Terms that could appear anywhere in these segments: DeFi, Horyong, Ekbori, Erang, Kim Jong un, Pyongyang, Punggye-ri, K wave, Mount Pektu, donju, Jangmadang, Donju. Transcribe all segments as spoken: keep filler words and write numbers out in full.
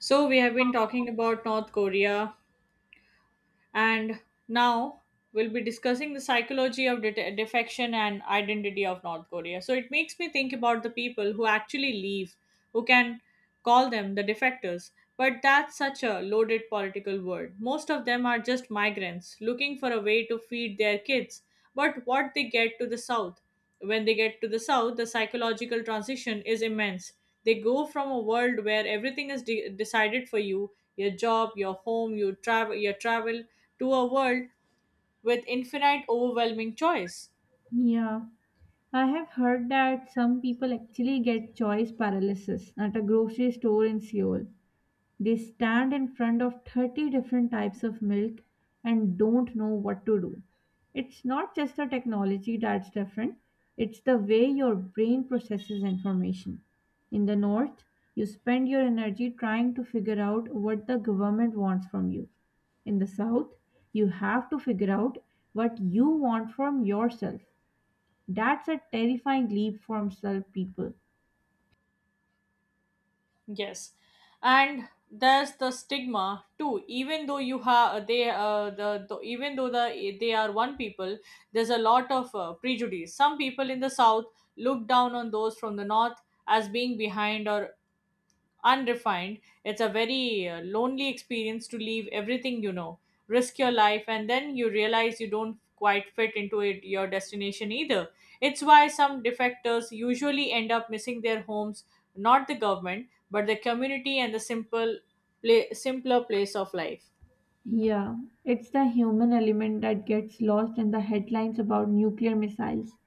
So, we have been talking about North Korea, and now we'll be discussing the psychology of det- defection and identity of North Korea. So, it makes me think about the people who actually leave, who can call them the defectors. But that's such a loaded political word. Most of them are just migrants looking for a way to feed their kids. But what they get to the south, when they get to the south, the psychological transition is immense. They go from a world where everything is de- decided for you, your job, your home, your travel, your travel, to a world with infinite overwhelming choice. Yeah, I have heard that some people actually get choice paralysis at a grocery store in Seoul. They stand in front of thirty different types of milk and don't know what to do. It's not just the technology that's different, it's the way your brain processes information. In the north, you spend your energy trying to figure out what the government wants from you. In the South, you have to figure out what you want from yourself. That's a terrifying leap from self people. Yes. And there's the stigma too. Even though you have they uh, the, the even though the they are one people, there's a lot of uh, prejudice. Some people in the south look down on those from the north as being behind or undefined. It's a very uh, lonely experience to leave everything you know, risk your life, and then you realize you don't quite fit into it, your destination either. It's why some defectors usually end up missing their homes, not the government, but the community and the simple, pla simpler place of life. Yeah, it's the human element that gets lost in the headlines about nuclear missiles.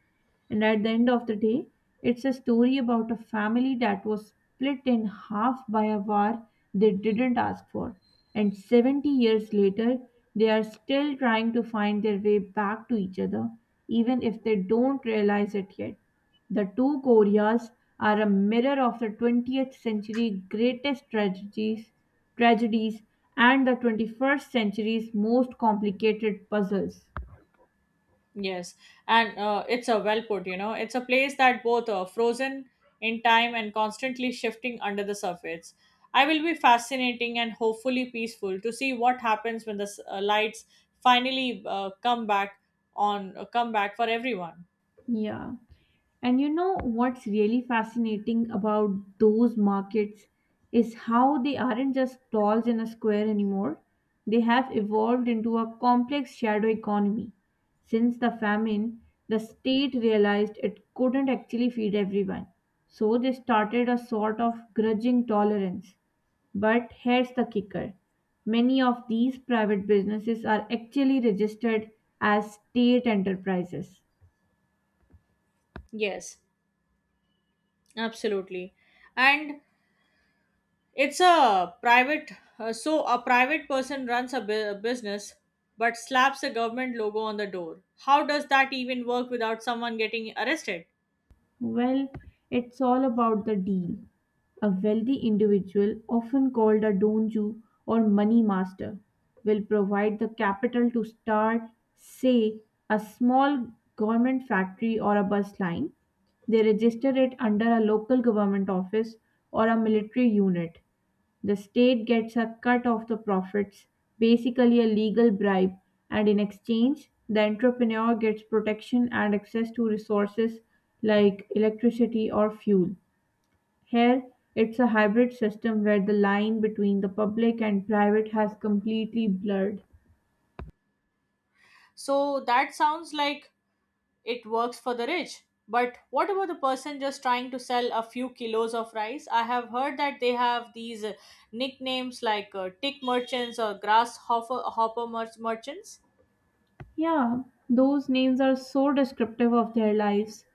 And at the end of the day, it's a story about a family that was split in half by a war they didn't ask for. And seventy years later, they are still trying to find their way back to each other, even if they don't realize it yet. The two Koreas are a mirror of the twentieth century greatest tragedies, tragedies and the twenty-first century's most complicated puzzles. Yes, and uh, it's a well put, you know, it's a place that both uh, frozen in time and constantly shifting under the surface. I will be fascinating and hopefully peaceful to see what happens when the s- uh, lights finally uh, come back on uh, come back for everyone. Yeah. And you know what's really fascinating about those markets is how they aren't just stalls in a square anymore. They have evolved into a complex shadow economy. Since the famine, the state realized it couldn't actually feed everyone. So they started a sort of grudging tolerance. But here's the kicker, many of these private businesses are actually registered as state enterprises. Yes, absolutely. And it's a private uh, so a private person runs a bu- business but slaps a government logo on the door. How does that even work without someone getting arrested? Well, it's all about the deal. A wealthy individual, often called a donju or money master, will provide the capital to start, say, a small government factory or a bus line. They register it under a local government office or a military unit. The state gets a cut of the profits, basically a legal bribe, and in exchange, the entrepreneur gets protection and access to resources like electricity or fuel. Here, it's a hybrid system where the line between the public and private has completely blurred. So that sounds like it works for the rich. But what about the person just trying to sell a few kilos of rice? I have heard that they have these uh, nicknames like uh, tick merchants or grasshopper hopper mer- merchants. Yeah, those names are so descriptive of their lives.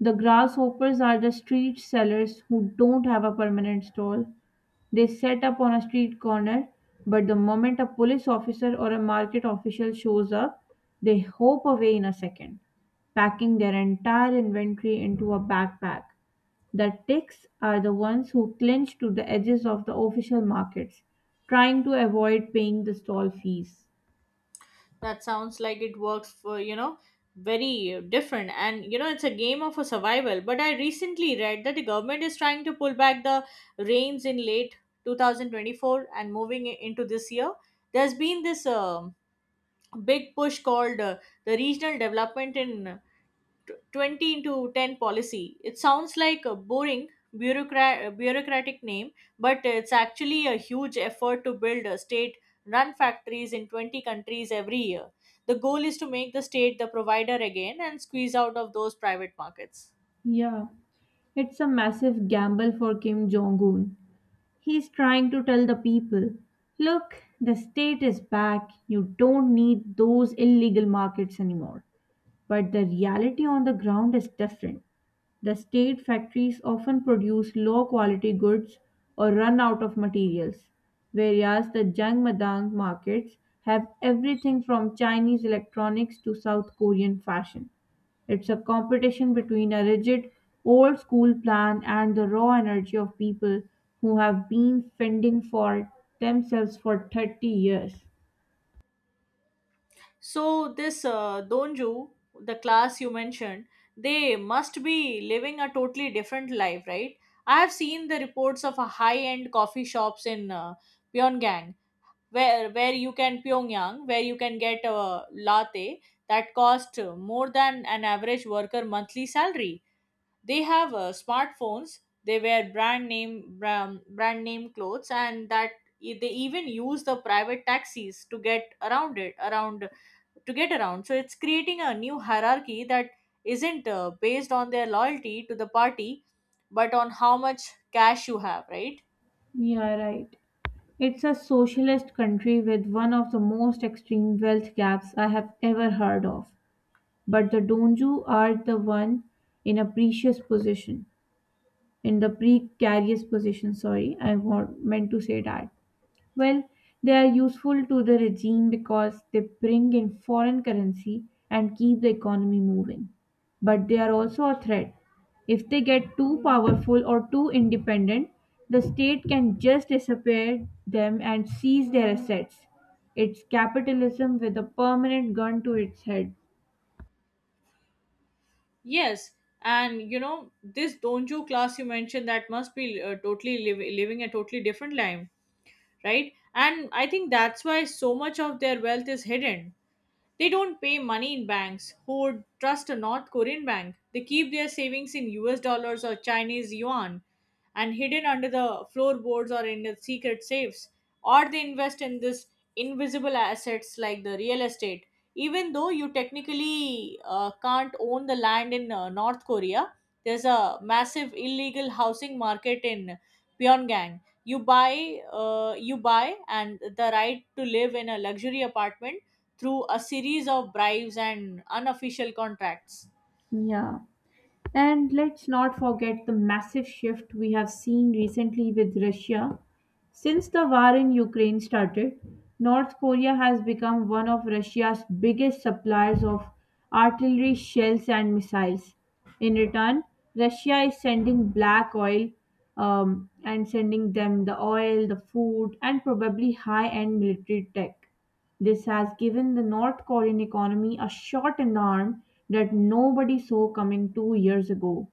The grasshoppers are the street sellers who don't have a permanent stall. They set up on a street corner, but the moment a police officer or a market official shows up, they hope away in a second, packing their entire inventory into a backpack. The ticks are the ones who clinch to the edges of the official markets, trying to avoid paying the stall fees. That sounds like it works for, you know, very uh, different. And, you know, it's a game of a survival. But I recently read that the government is trying to pull back the reins in late two thousand twenty-four and moving i- into this year. There's been this. um big push called uh, the regional development in uh, twenty to ten policy. It sounds like a boring bureaucrat- bureaucratic name, but it's actually a huge effort to build a state run factories in twenty countries every year. The goal is to make the state the provider again and squeeze out of those private markets. Yeah, it's a massive gamble for Kim Jong un. He's trying to tell the people, look, the state is back, you don't need those illegal markets anymore. But the reality on the ground is different. The state factories often produce low quality goods or run out of materials, whereas the Jangmadang markets have everything from Chinese electronics to South Korean fashion. It's a competition between a rigid, old school plan and the raw energy of people who have been fending for themselves for thirty years. So this uh, Donju, the class you mentioned, they must be living a totally different life, right? I have seen the reports of a high-end coffee shops in uh, Pyongyang, where where you can Pyongyang, where you can get a latte that cost uh, more than an average worker monthly salary. They have uh, smartphones. They wear brand name brand, brand name clothes, and that e- they even use the private taxis to get around it around to get around. So it's creating a new hierarchy that isn't uh, based on their loyalty to the party, but on how much cash you have, right? Yeah, right. It's a socialist country with one of the most extreme wealth gaps I have ever heard of. But the Donju are the one in a precious position, in the precarious position. Sorry, I wa- meant to say that. Well, they are useful to the regime because they bring in foreign currency and keep the economy moving. But they are also a threat. If they get too powerful or too independent, the state can just disappear them and seize their assets. It's capitalism with a permanent gun to its head. Yes, and you know, this donju class you mentioned, that must be uh, totally liv- living a totally different life, right? And I think that's why so much of their wealth is hidden. They don't pay money in banks. Who would trust a North Korean bank? They keep their savings in U S dollars or Chinese yuan, and hidden under the floorboards or in the secret safes. Or they invest in this invisible assets like the real estate. Even though you technically uh, can't own the land in uh, North Korea, there's a massive illegal housing market in Pyongyang. You buy, uh, you buy, and the right to live in a luxury apartment through a series of bribes and unofficial contracts. Yeah. And let's not forget the massive shift we have seen recently with Russia. Since the war in Ukraine started, North Korea has become one of Russia's biggest suppliers of artillery shells and missiles. In return, Russia is sending black oil um, and sending them the oil, the food, and probably high end military tech. This has given the North Korean economy a shot in the arm that nobody saw coming two years ago.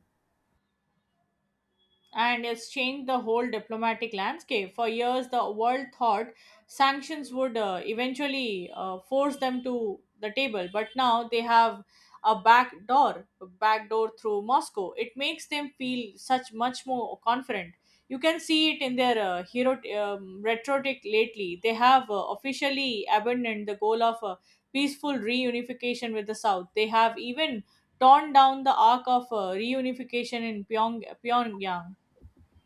And has changed the whole diplomatic landscape. For years, the world thought sanctions would uh, eventually uh, force them to the table, but now they have a back door, a back door through Moscow. It makes them feel such much more confident. You can see it in their uh, hero um, rhetoric lately. They have uh, officially abandoned the goal of a peaceful reunification with the South. They have even torn down the arc of uh, reunification in Pyong- Pyongyang.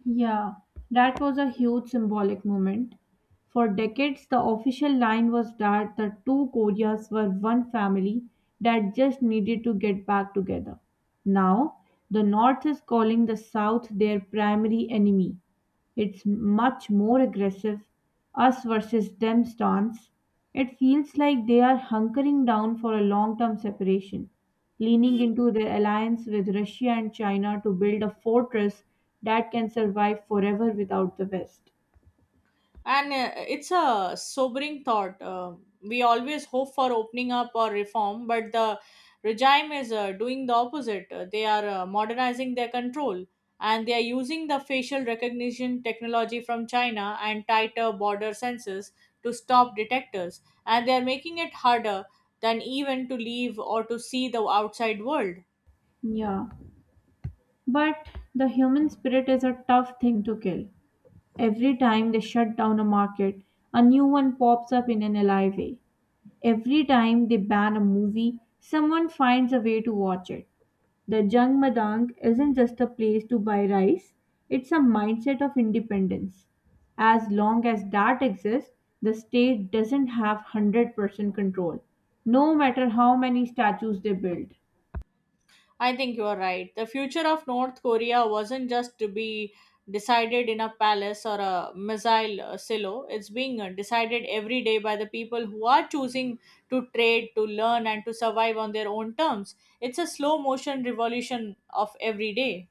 Yeah, that was a huge symbolic moment. For decades, the official line was that the two Koreas were one family that just needed to get back together. Now, the North is calling the South their primary enemy. It's much more aggressive, us versus them stance. It feels like they are hunkering down for a long term separation, leaning into their alliance with Russia and China to build a fortress that can survive forever without the West. And uh, it's a sobering thought. Uh, we always hope for opening up or reform, but the regime is uh, doing the opposite. Uh, they are uh, modernizing their control, and they are using the facial recognition technology from China and tighter border sensors to stop detectors. And they are making it harder than even to leave or to see the outside world. Yeah, but the human spirit is a tough thing to kill. Every time they shut down a market, a new one pops up in an alive way. Every time they ban a movie, someone finds a way to watch it. The Jangmadang isn't just a place to buy rice, it's a mindset of independence. As long as that exists, the state doesn't have one hundred percent control, no matter how many statues they build. I think you are right. The future of North Korea wasn't just to be decided in a palace or a missile uh, silo. It's being uh, decided every day by the people who are choosing to trade, to learn, and to survive on their own terms. It's a slow motion revolution of every day.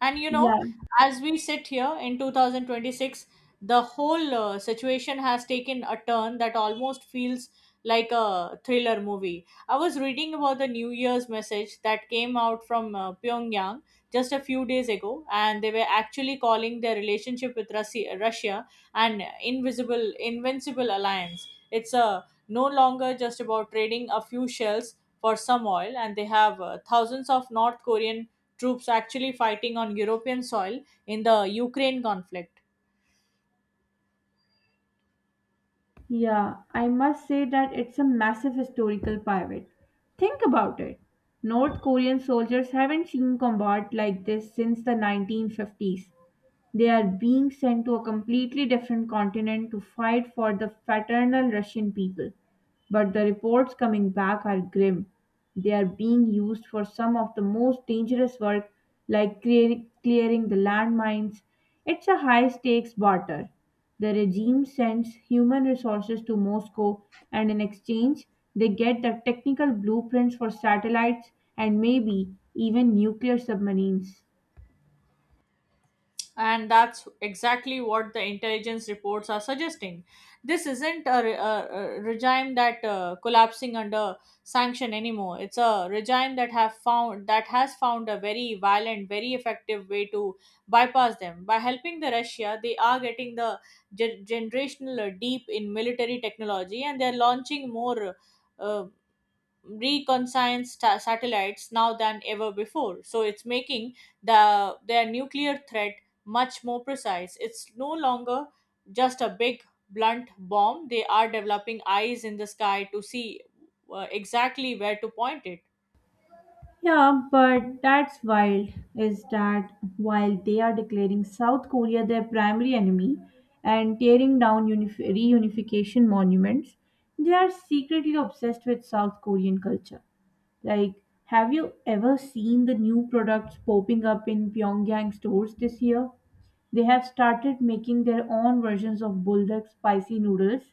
And you know, Yeah, as we sit here in two thousand twenty-six, the whole uh, situation has taken a turn that almost feels like a thriller movie. I was reading about the New Year's message that came out from uh, Pyongyang just a few days ago, and they were actually calling their relationship with Russia, Russia an invisible, invincible alliance. It's a no longer just about trading a few shells for some oil, and they have uh, thousands of North Korean troops actually fighting on European soil in the Ukraine conflict. yeah. I must say that it's a massive historical pivot. Think about it. North Korean soldiers haven't seen combat like this since the nineteen fifties. They are being sent to a completely different continent to fight for the fraternal Russian people. But the reports coming back are grim. They are being used for some of the most dangerous work, like clear- clearing the landmines. It's a high stakes barter. The regime sends human resources to Moscow, and in exchange, they get the technical blueprints for satellites and maybe even nuclear submarines. And that's exactly what the intelligence reports are suggesting. This isn't a, re- a- A regime that uh, collapsing under sanction anymore. It's a regime that have found that has found a very violent, very effective way to bypass them by helping the Russia. They are getting the ge- generational uh, deep in military technology, and they're launching more. Uh, Reconnaissance sta- satellites now than ever before. So it's making the their nuclear threat much more precise. It's no longer just a big blunt bomb. They are developing eyes in the sky to see uh, exactly where to point it. Yeah, but that's wild is that while they are declaring South Korea their primary enemy and tearing down unif- reunification monuments, they are secretly obsessed with South Korean culture. Like, have you ever seen the new products popping up in Pyongyang stores this year? They have started making their own versions of bulldog spicy noodles,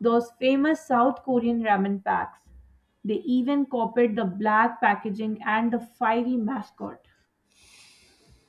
those famous South Korean ramen packs. They even copied the black packaging and the fiery mascot.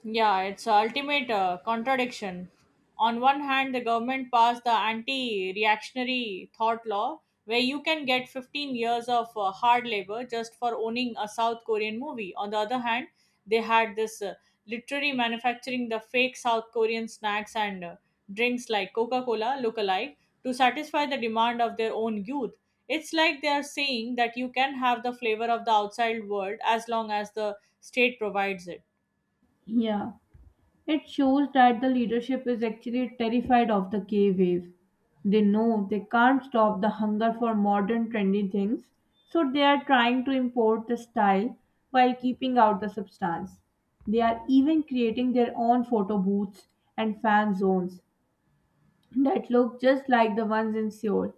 Yeah, it's a ultimate uh, contradiction. On one hand, the government passed the anti reactionary thought law, where you can get fifteen years of uh, hard labor just for owning a South Korean movie. On the other hand, they had this uh, literary manufacturing the fake South Korean snacks and uh, drinks like Coca Cola look alike to satisfy the demand of their own youth. It's like they are saying that you can have the flavor of the outside world as long as the state provides it. Yeah. It shows that the leadership is actually terrified of the K wave. They know they can't stop the hunger for modern trendy things, so they are trying to import the style while keeping out the substance. They are even creating their own photo booths and fan zones that look just like the ones in Seoul.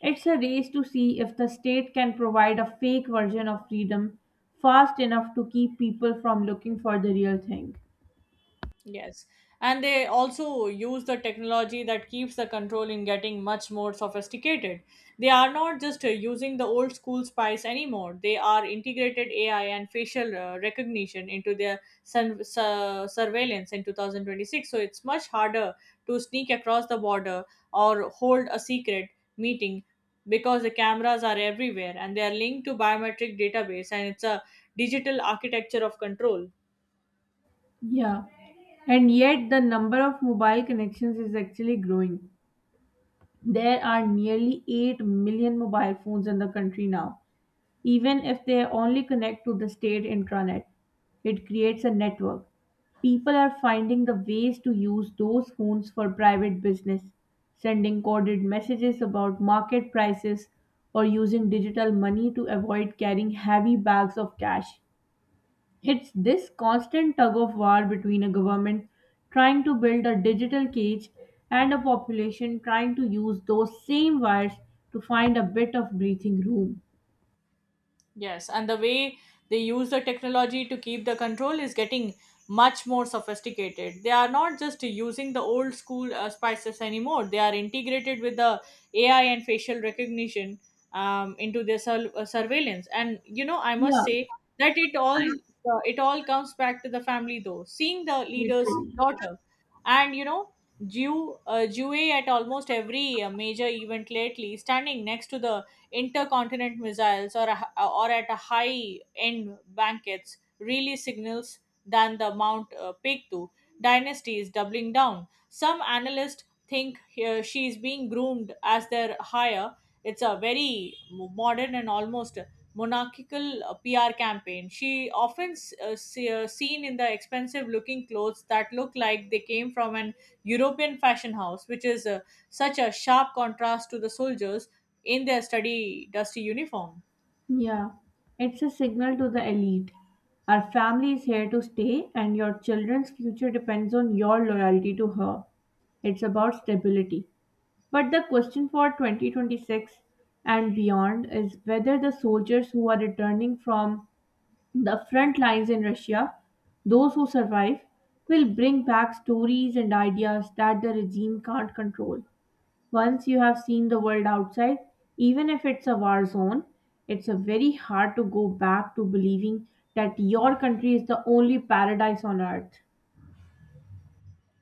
It's a race to see if the state can provide a fake version of freedom fast enough to keep people from looking for the real thing. Yes. And they also use the technology that keeps the control in getting much more sophisticated. They are not just uh, using the old school spies anymore. They are integrated A I and facial uh, recognition into their sun- su- surveillance in two thousand twenty-six. So it's much harder to sneak across the border or hold a secret meeting, because the cameras are everywhere, and they are linked to biometric database, and it's a digital architecture of control. Yeah, and yet the number of mobile connections is actually growing. There are nearly eight million mobile phones in the country now, even if they only connect to the state intranet. It creates a network. People are finding the ways to use those phones for private business, sending coded messages about market prices, or using digital money to avoid carrying heavy bags of cash. It's this constant tug of war between a government trying to build a digital cage and a population trying to use those same wires to find a bit of breathing room. Yes, and the way they use the technology to keep the control is getting much more sophisticated. They are not just using the old school uh, spices anymore. They are integrated with the A I and facial recognition um, into their sur- uh, surveillance. And you know, I must Yeah, say that it all uh, it all comes back to the family though. Seeing the leader's literally. daughter, and you know, Jew uh, Jew at almost every uh, major event lately, standing next to the intercontinental missiles, or, a, or at a high end banquets, really signals than the Mount uh, Pektu dynasty is doubling down. Some analysts think here she is being groomed as their hire. It's a very modern and almost monarchical uh, P R campaign. She often s- uh, see, uh, seen in the expensive looking clothes that look like they came from an European fashion house, which is uh, such a sharp contrast to the soldiers in their study dusty uniform. Yeah, it's a signal to the elite. Our family is here to stay, and your children's future depends on your loyalty to her. It's about stability. But the question for twenty twenty-six and beyond is whether the soldiers who are returning from the front lines in Russia, those who survive, will bring back stories and ideas that the regime can't control. Once you have seen the world outside, even if it's a war zone, it's a very hard to go back to believing that your country is the only paradise on earth.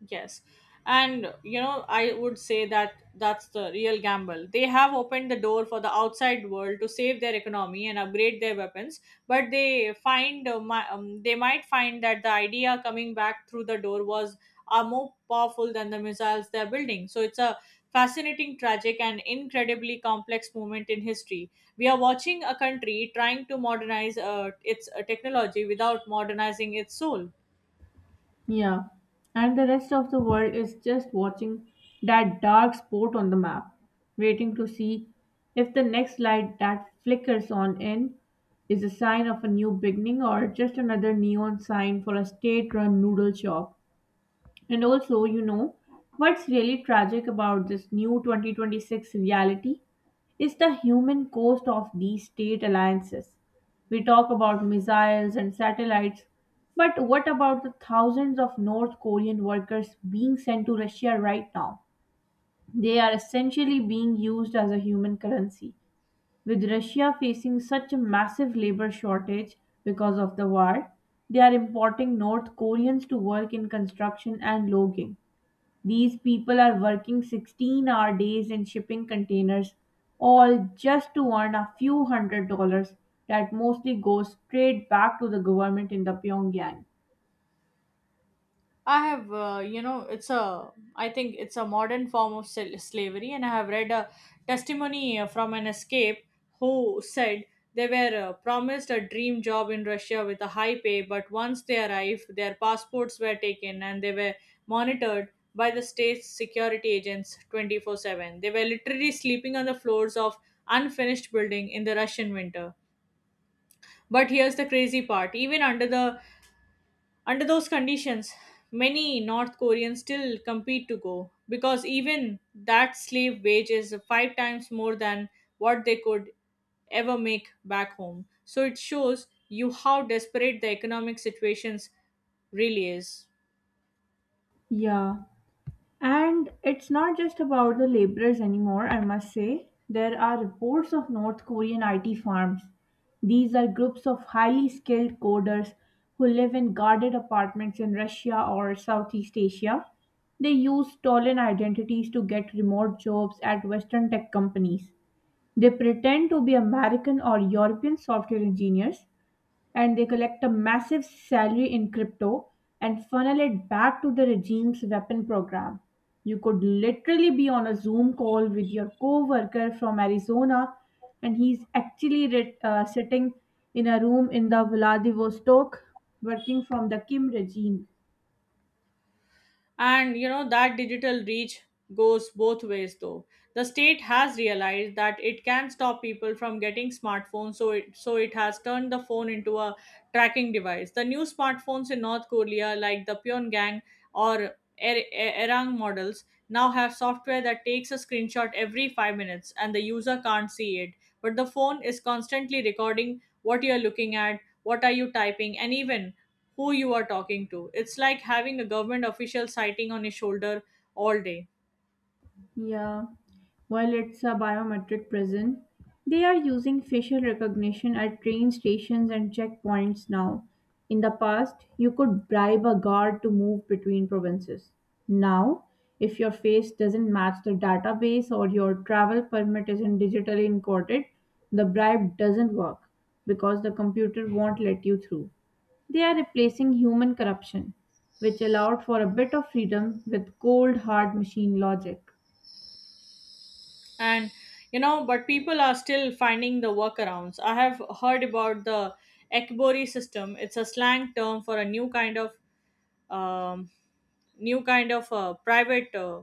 Yes, and you know I would say that that's the real gamble. They have opened the door for the outside world to save their economy and upgrade their weapons, but they find uh, mi- um, they might find that the idea coming back through the door was are more powerful than the missiles they're building. So it's a fascinating, tragic, and incredibly complex moment in history. We are watching a country trying to modernize uh, its uh, technology without modernizing its soul. Yeah, and the rest of the world is just watching that dark spot on the map, waiting to see if the next light that flickers on in is a sign of a new beginning or just another neon sign for a state run noodle shop. And also, you know, what's really tragic about this new twenty twenty-six reality is the human cost of these state alliances. We talk about missiles and satellites, but what about the thousands of North Korean workers being sent to Russia right now? They are essentially being used as a human currency. With Russia facing such a massive labor shortage because of the war, they are importing North Koreans to work in construction and logging. These people are working sixteen hour days in shipping containers, all just to earn a few hundred dollars that mostly goes straight back to the government in the Pyongyang. I have, uh, you know, it's a, I think it's a modern form of sl- slavery, and I have read a testimony uh, from an escape who said they were uh, promised a dream job in Russia with a high pay, but once they arrived, their passports were taken and they were monitored by the state's security agents twenty four seven. They were literally sleeping on the floors of unfinished building in the Russian winter. But here's the crazy part, even under the under those conditions, many North Koreans still compete to go because even that slave wage is five times more than what they could ever make back home. So it shows you how desperate the economic situations really is. Yeah. And it's not just about the laborers anymore, I must say. There are reports of North Korean I T farms. These are groups of highly skilled coders who live in guarded apartments in Russia or Southeast Asia. They use stolen identities to get remote jobs at Western tech companies. They pretend to be American or European software engineers and they collect a massive salary in crypto and funnel it back to the regime's weapon program. You could literally be on a Zoom call with your coworker from Arizona, and he's actually rit- uh, sitting in a room in the Vladivostok working from the Kim regime. And you know that digital reach goes both ways though. The state has realized that it can stop people from getting smartphones, so it so it has turned the phone into a tracking device. The new smartphones in North Korea like the Pyongyang or Er- Er- Erang models now have software that takes a screenshot every 5 minutes, and the user can't see it, but the phone is constantly recording what you are looking at, what are you typing, and even who you are talking to. It's like having a government official sighting on your shoulder all day. Yeah, while it's a biometric prison, they are using facial recognition at train stations and checkpoints now. In the past, you could bribe a guard to move between provinces. Now, if your face doesn't match the database or your travel permit isn't digitally encoded, the bribe doesn't work because the computer won't let you through. They are replacing human corruption, which allowed for a bit of freedom, with cold hard machine logic. And you know, but people are still finding the workarounds. I have heard about the Ekbori system. It's a slang term for a new kind of um, new kind of uh, private uh,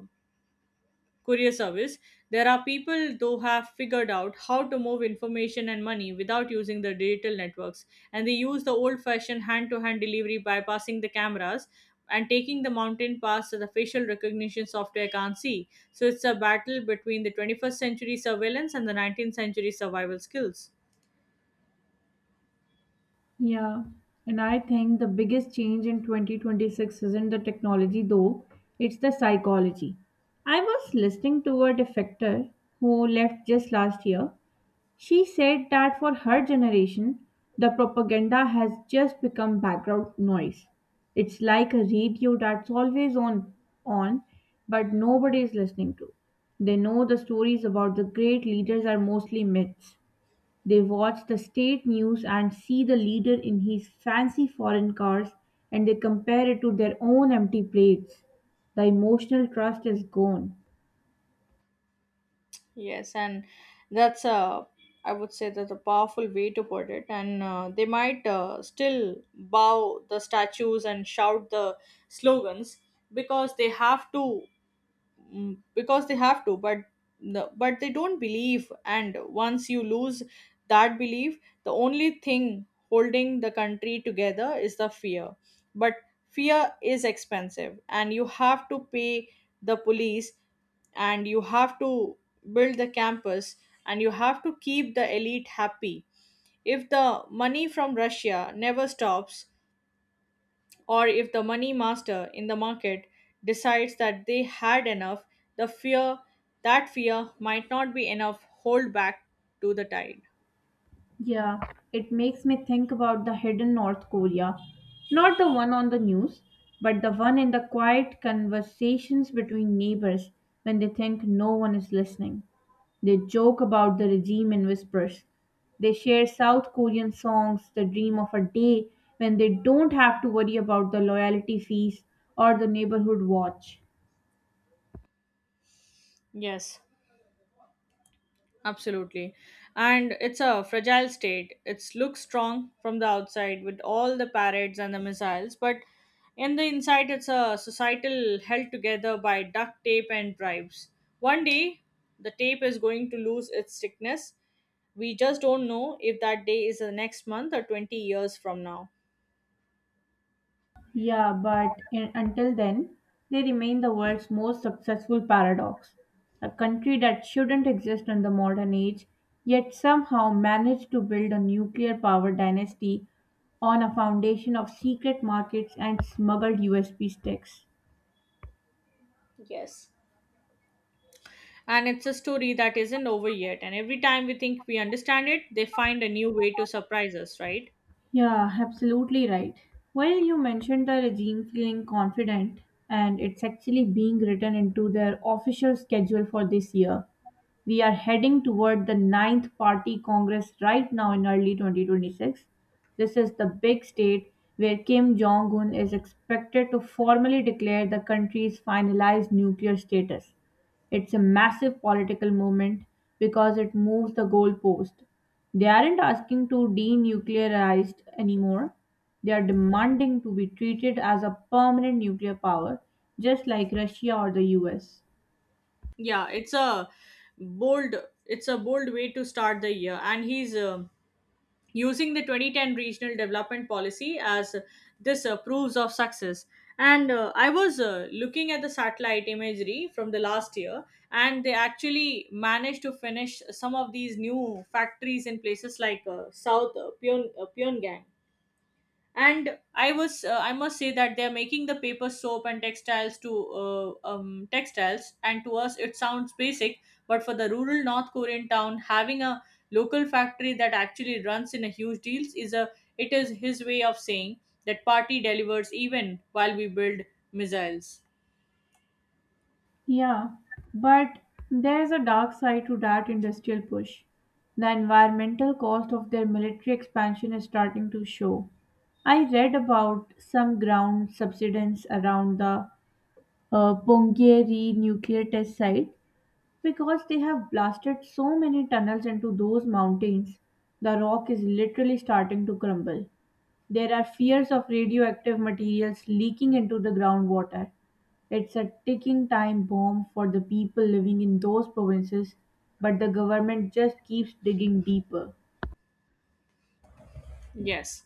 courier service. There are people though have figured out how to move information and money without using the digital networks, and they use the old fashioned hand to hand delivery, bypassing the cameras and taking the mountain pass that the facial recognition software can't see. So it's a battle between the twenty-first century surveillance and the nineteenth century survival skills. Yeah, and I think the biggest change in twenty twenty-six isn't the technology, though, it's the psychology. I was listening to a defector who left just last year. She said that for her generation, the propaganda has just become background noise. It's like a radio that's always on on, but nobody is listening to. They know the stories about the great leaders are mostly myths. They watch the state news and see the leader in his fancy foreign cars, and they compare it to their own empty plates. The emotional trust is gone. Yes, and that's a I would say that's a powerful way to put it. And uh, they might uh, still bow the statues and shout the slogans because they have to mm, because they have to but the, but they don't believe. And once you lose that belief, the only thing holding the country together is the fear. But fear is expensive, and you have to pay the police, and you have to build the campus, and you have to keep the elite happy. If the money from Russia never stops, or if the money master in the market decides that they had enough, the fear that fear might not be enough hold back to the tide. Yeah, it makes me think about the hidden North Korea. Not the one on the news, but the one in the quiet conversations between neighbors when they think no one is listening. They joke about the regime in whispers. They share South Korean songs, the dream of a day when they don't have to worry about the loyalty fees or the neighborhood watch. Yes. Absolutely. And it's a fragile state. It looks strong from the outside with all the parades and the missiles, but in the inside, it's a societal held together by duct tape and bribes. One day, the tape is going to lose its thickness. We just don't know if that day is the next month or 20 years from now. Yeah, but in, until then, they remain the world's most successful paradox. A country that shouldn't exist in the modern age, yet somehow managed to build a nuclear power dynasty on a foundation of secret markets and smuggled U S B sticks. Yes. And it's a story that isn't over yet. And every time we think we understand it, they find a new way to surprise us, right? Yeah, absolutely right. Well, you mentioned the regime feeling confident, and it's actually being written into their official schedule for this year. We are heading toward the ninth party congress right now in early twenty twenty-six. This is the big state where Kim Jong un is expected to formally declare the country's finalized nuclear status. It's a massive political movement because it moves the goalpost. They aren't asking to denuclearized anymore. They are demanding to be treated as a permanent nuclear power, just like Russia or the U S. Yeah, it's a bold it's a bold way to start the year, and he's um using the twenty ten regional development policy as this uh, proves of success. And uh, I was uh, looking at the satellite imagery from the last year, and they actually managed to finish some of these new factories in places like uh, South uh, Pyong- uh, Pyongyang. And i was uh, I must say that they are making the paper soap and textiles to uh, um, textiles, and to us it sounds basic, but for the rural North Korean town, having a local factory that actually runs in a huge deals is a it is his way of saying that party delivers even while we build missiles. Yeah, but there's a dark side to that industrial push. The environmental cost of their military expansion is starting to show. I read about some ground subsidence around the uh, Punggye-ri nuclear test site. Because they have blasted so many tunnels into those mountains, the rock is literally starting to crumble. There are fears of radioactive materials leaking into the groundwater. It's a ticking time bomb for the people living in those provinces, but the government just keeps digging deeper. Yes.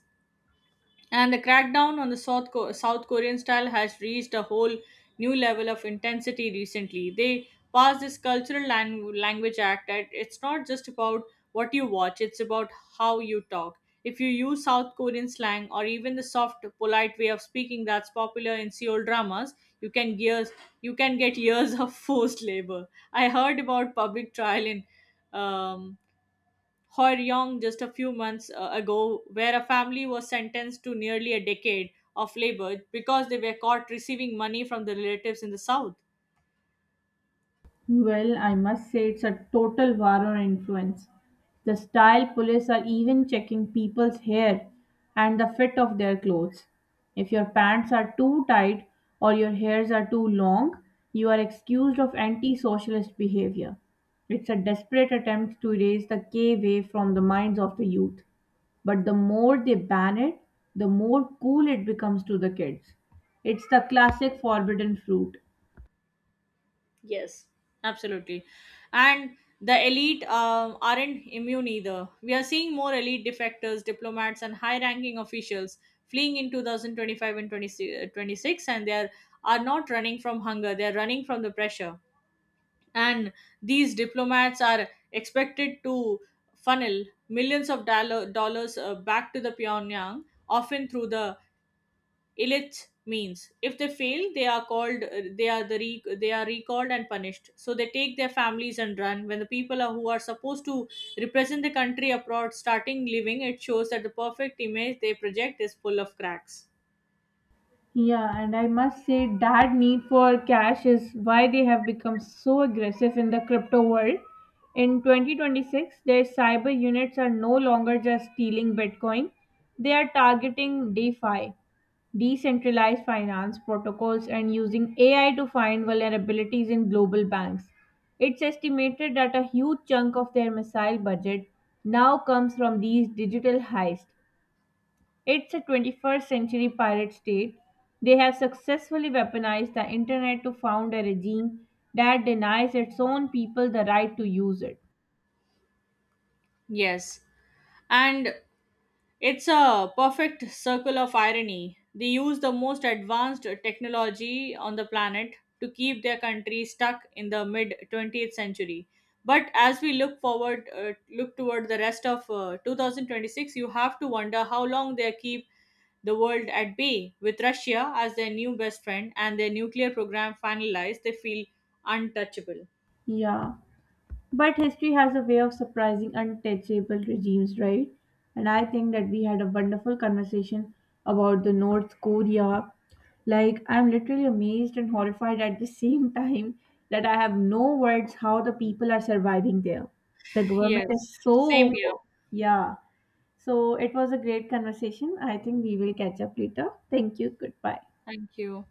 And the crackdown on the South, Co- South Korean style has reached a whole new level of intensity recently. They passed this Cultural Lang- Language Act that it's not just about what you watch, it's about how you talk. If you use South Korean slang or even the soft, polite way of speaking that's popular in Seoul dramas, you can years you can get years of forced labor. I heard about public trial in um, Horyong just a few months uh, ago, where a family was sentenced to nearly a decade of labor because they were caught receiving money from the relatives in the south. Well, I must say it's a total war on influence. The style police are even checking people's hair and the fit of their clothes. If your pants are too tight or your hairs are too long, you are excused of anti socialist behavior. It's a desperate attempt to erase the K wave from the minds of the youth. But the more they ban it, the more cool it becomes to the kids. It's the classic forbidden fruit. Yes, absolutely. And the elite um, aren't immune either. We are seeing more elite defectors, diplomats, and high ranking officials fleeing in two thousand twenty-five and twenty, uh, twenty-six, and they are, are not running from hunger, they are running from the pressure. And these diplomats are expected to funnel millions of dollar, dollars uh, back to the Pyongyang, often through the illicit means. If they fail, they are called, uh, they are the re- they are recalled and punished. So they take their families and run. When the people are, who are supposed to represent the country abroad starting living, it shows that the perfect image they project is full of cracks. Yeah, and I must say that need for cash is why they have become so aggressive in the crypto world. In twenty twenty-six, their cyber units are no longer just stealing Bitcoin. They are targeting DeFi, decentralized finance protocols, and using A I to find vulnerabilities in global banks. It's estimated that a huge chunk of their missile budget now comes from these digital heists. It's a twenty-first century pirate state. They have successfully weaponized the internet to found a regime that denies its own people the right to use it. Yes, and it's a perfect circle of irony. They use the most advanced technology on the planet to keep their country stuck in the mid twentieth century. But as we look forward, uh, look toward the rest of uh, two thousand twenty-six, you have to wonder how long they keep the world at bay. With Russia as their new best friend and their nuclear program finalized, they feel untouchable. Yeah. But history has a way of surprising untouchable regimes, right? And I think that we had a wonderful conversation about the North Korea. Like, I'm literally amazed and horrified at the same time that I have no words how the people are surviving there. The government Yes, is same so, here. yeah. So it was a great conversation. I think we will catch up later. Thank you. Goodbye. Thank you.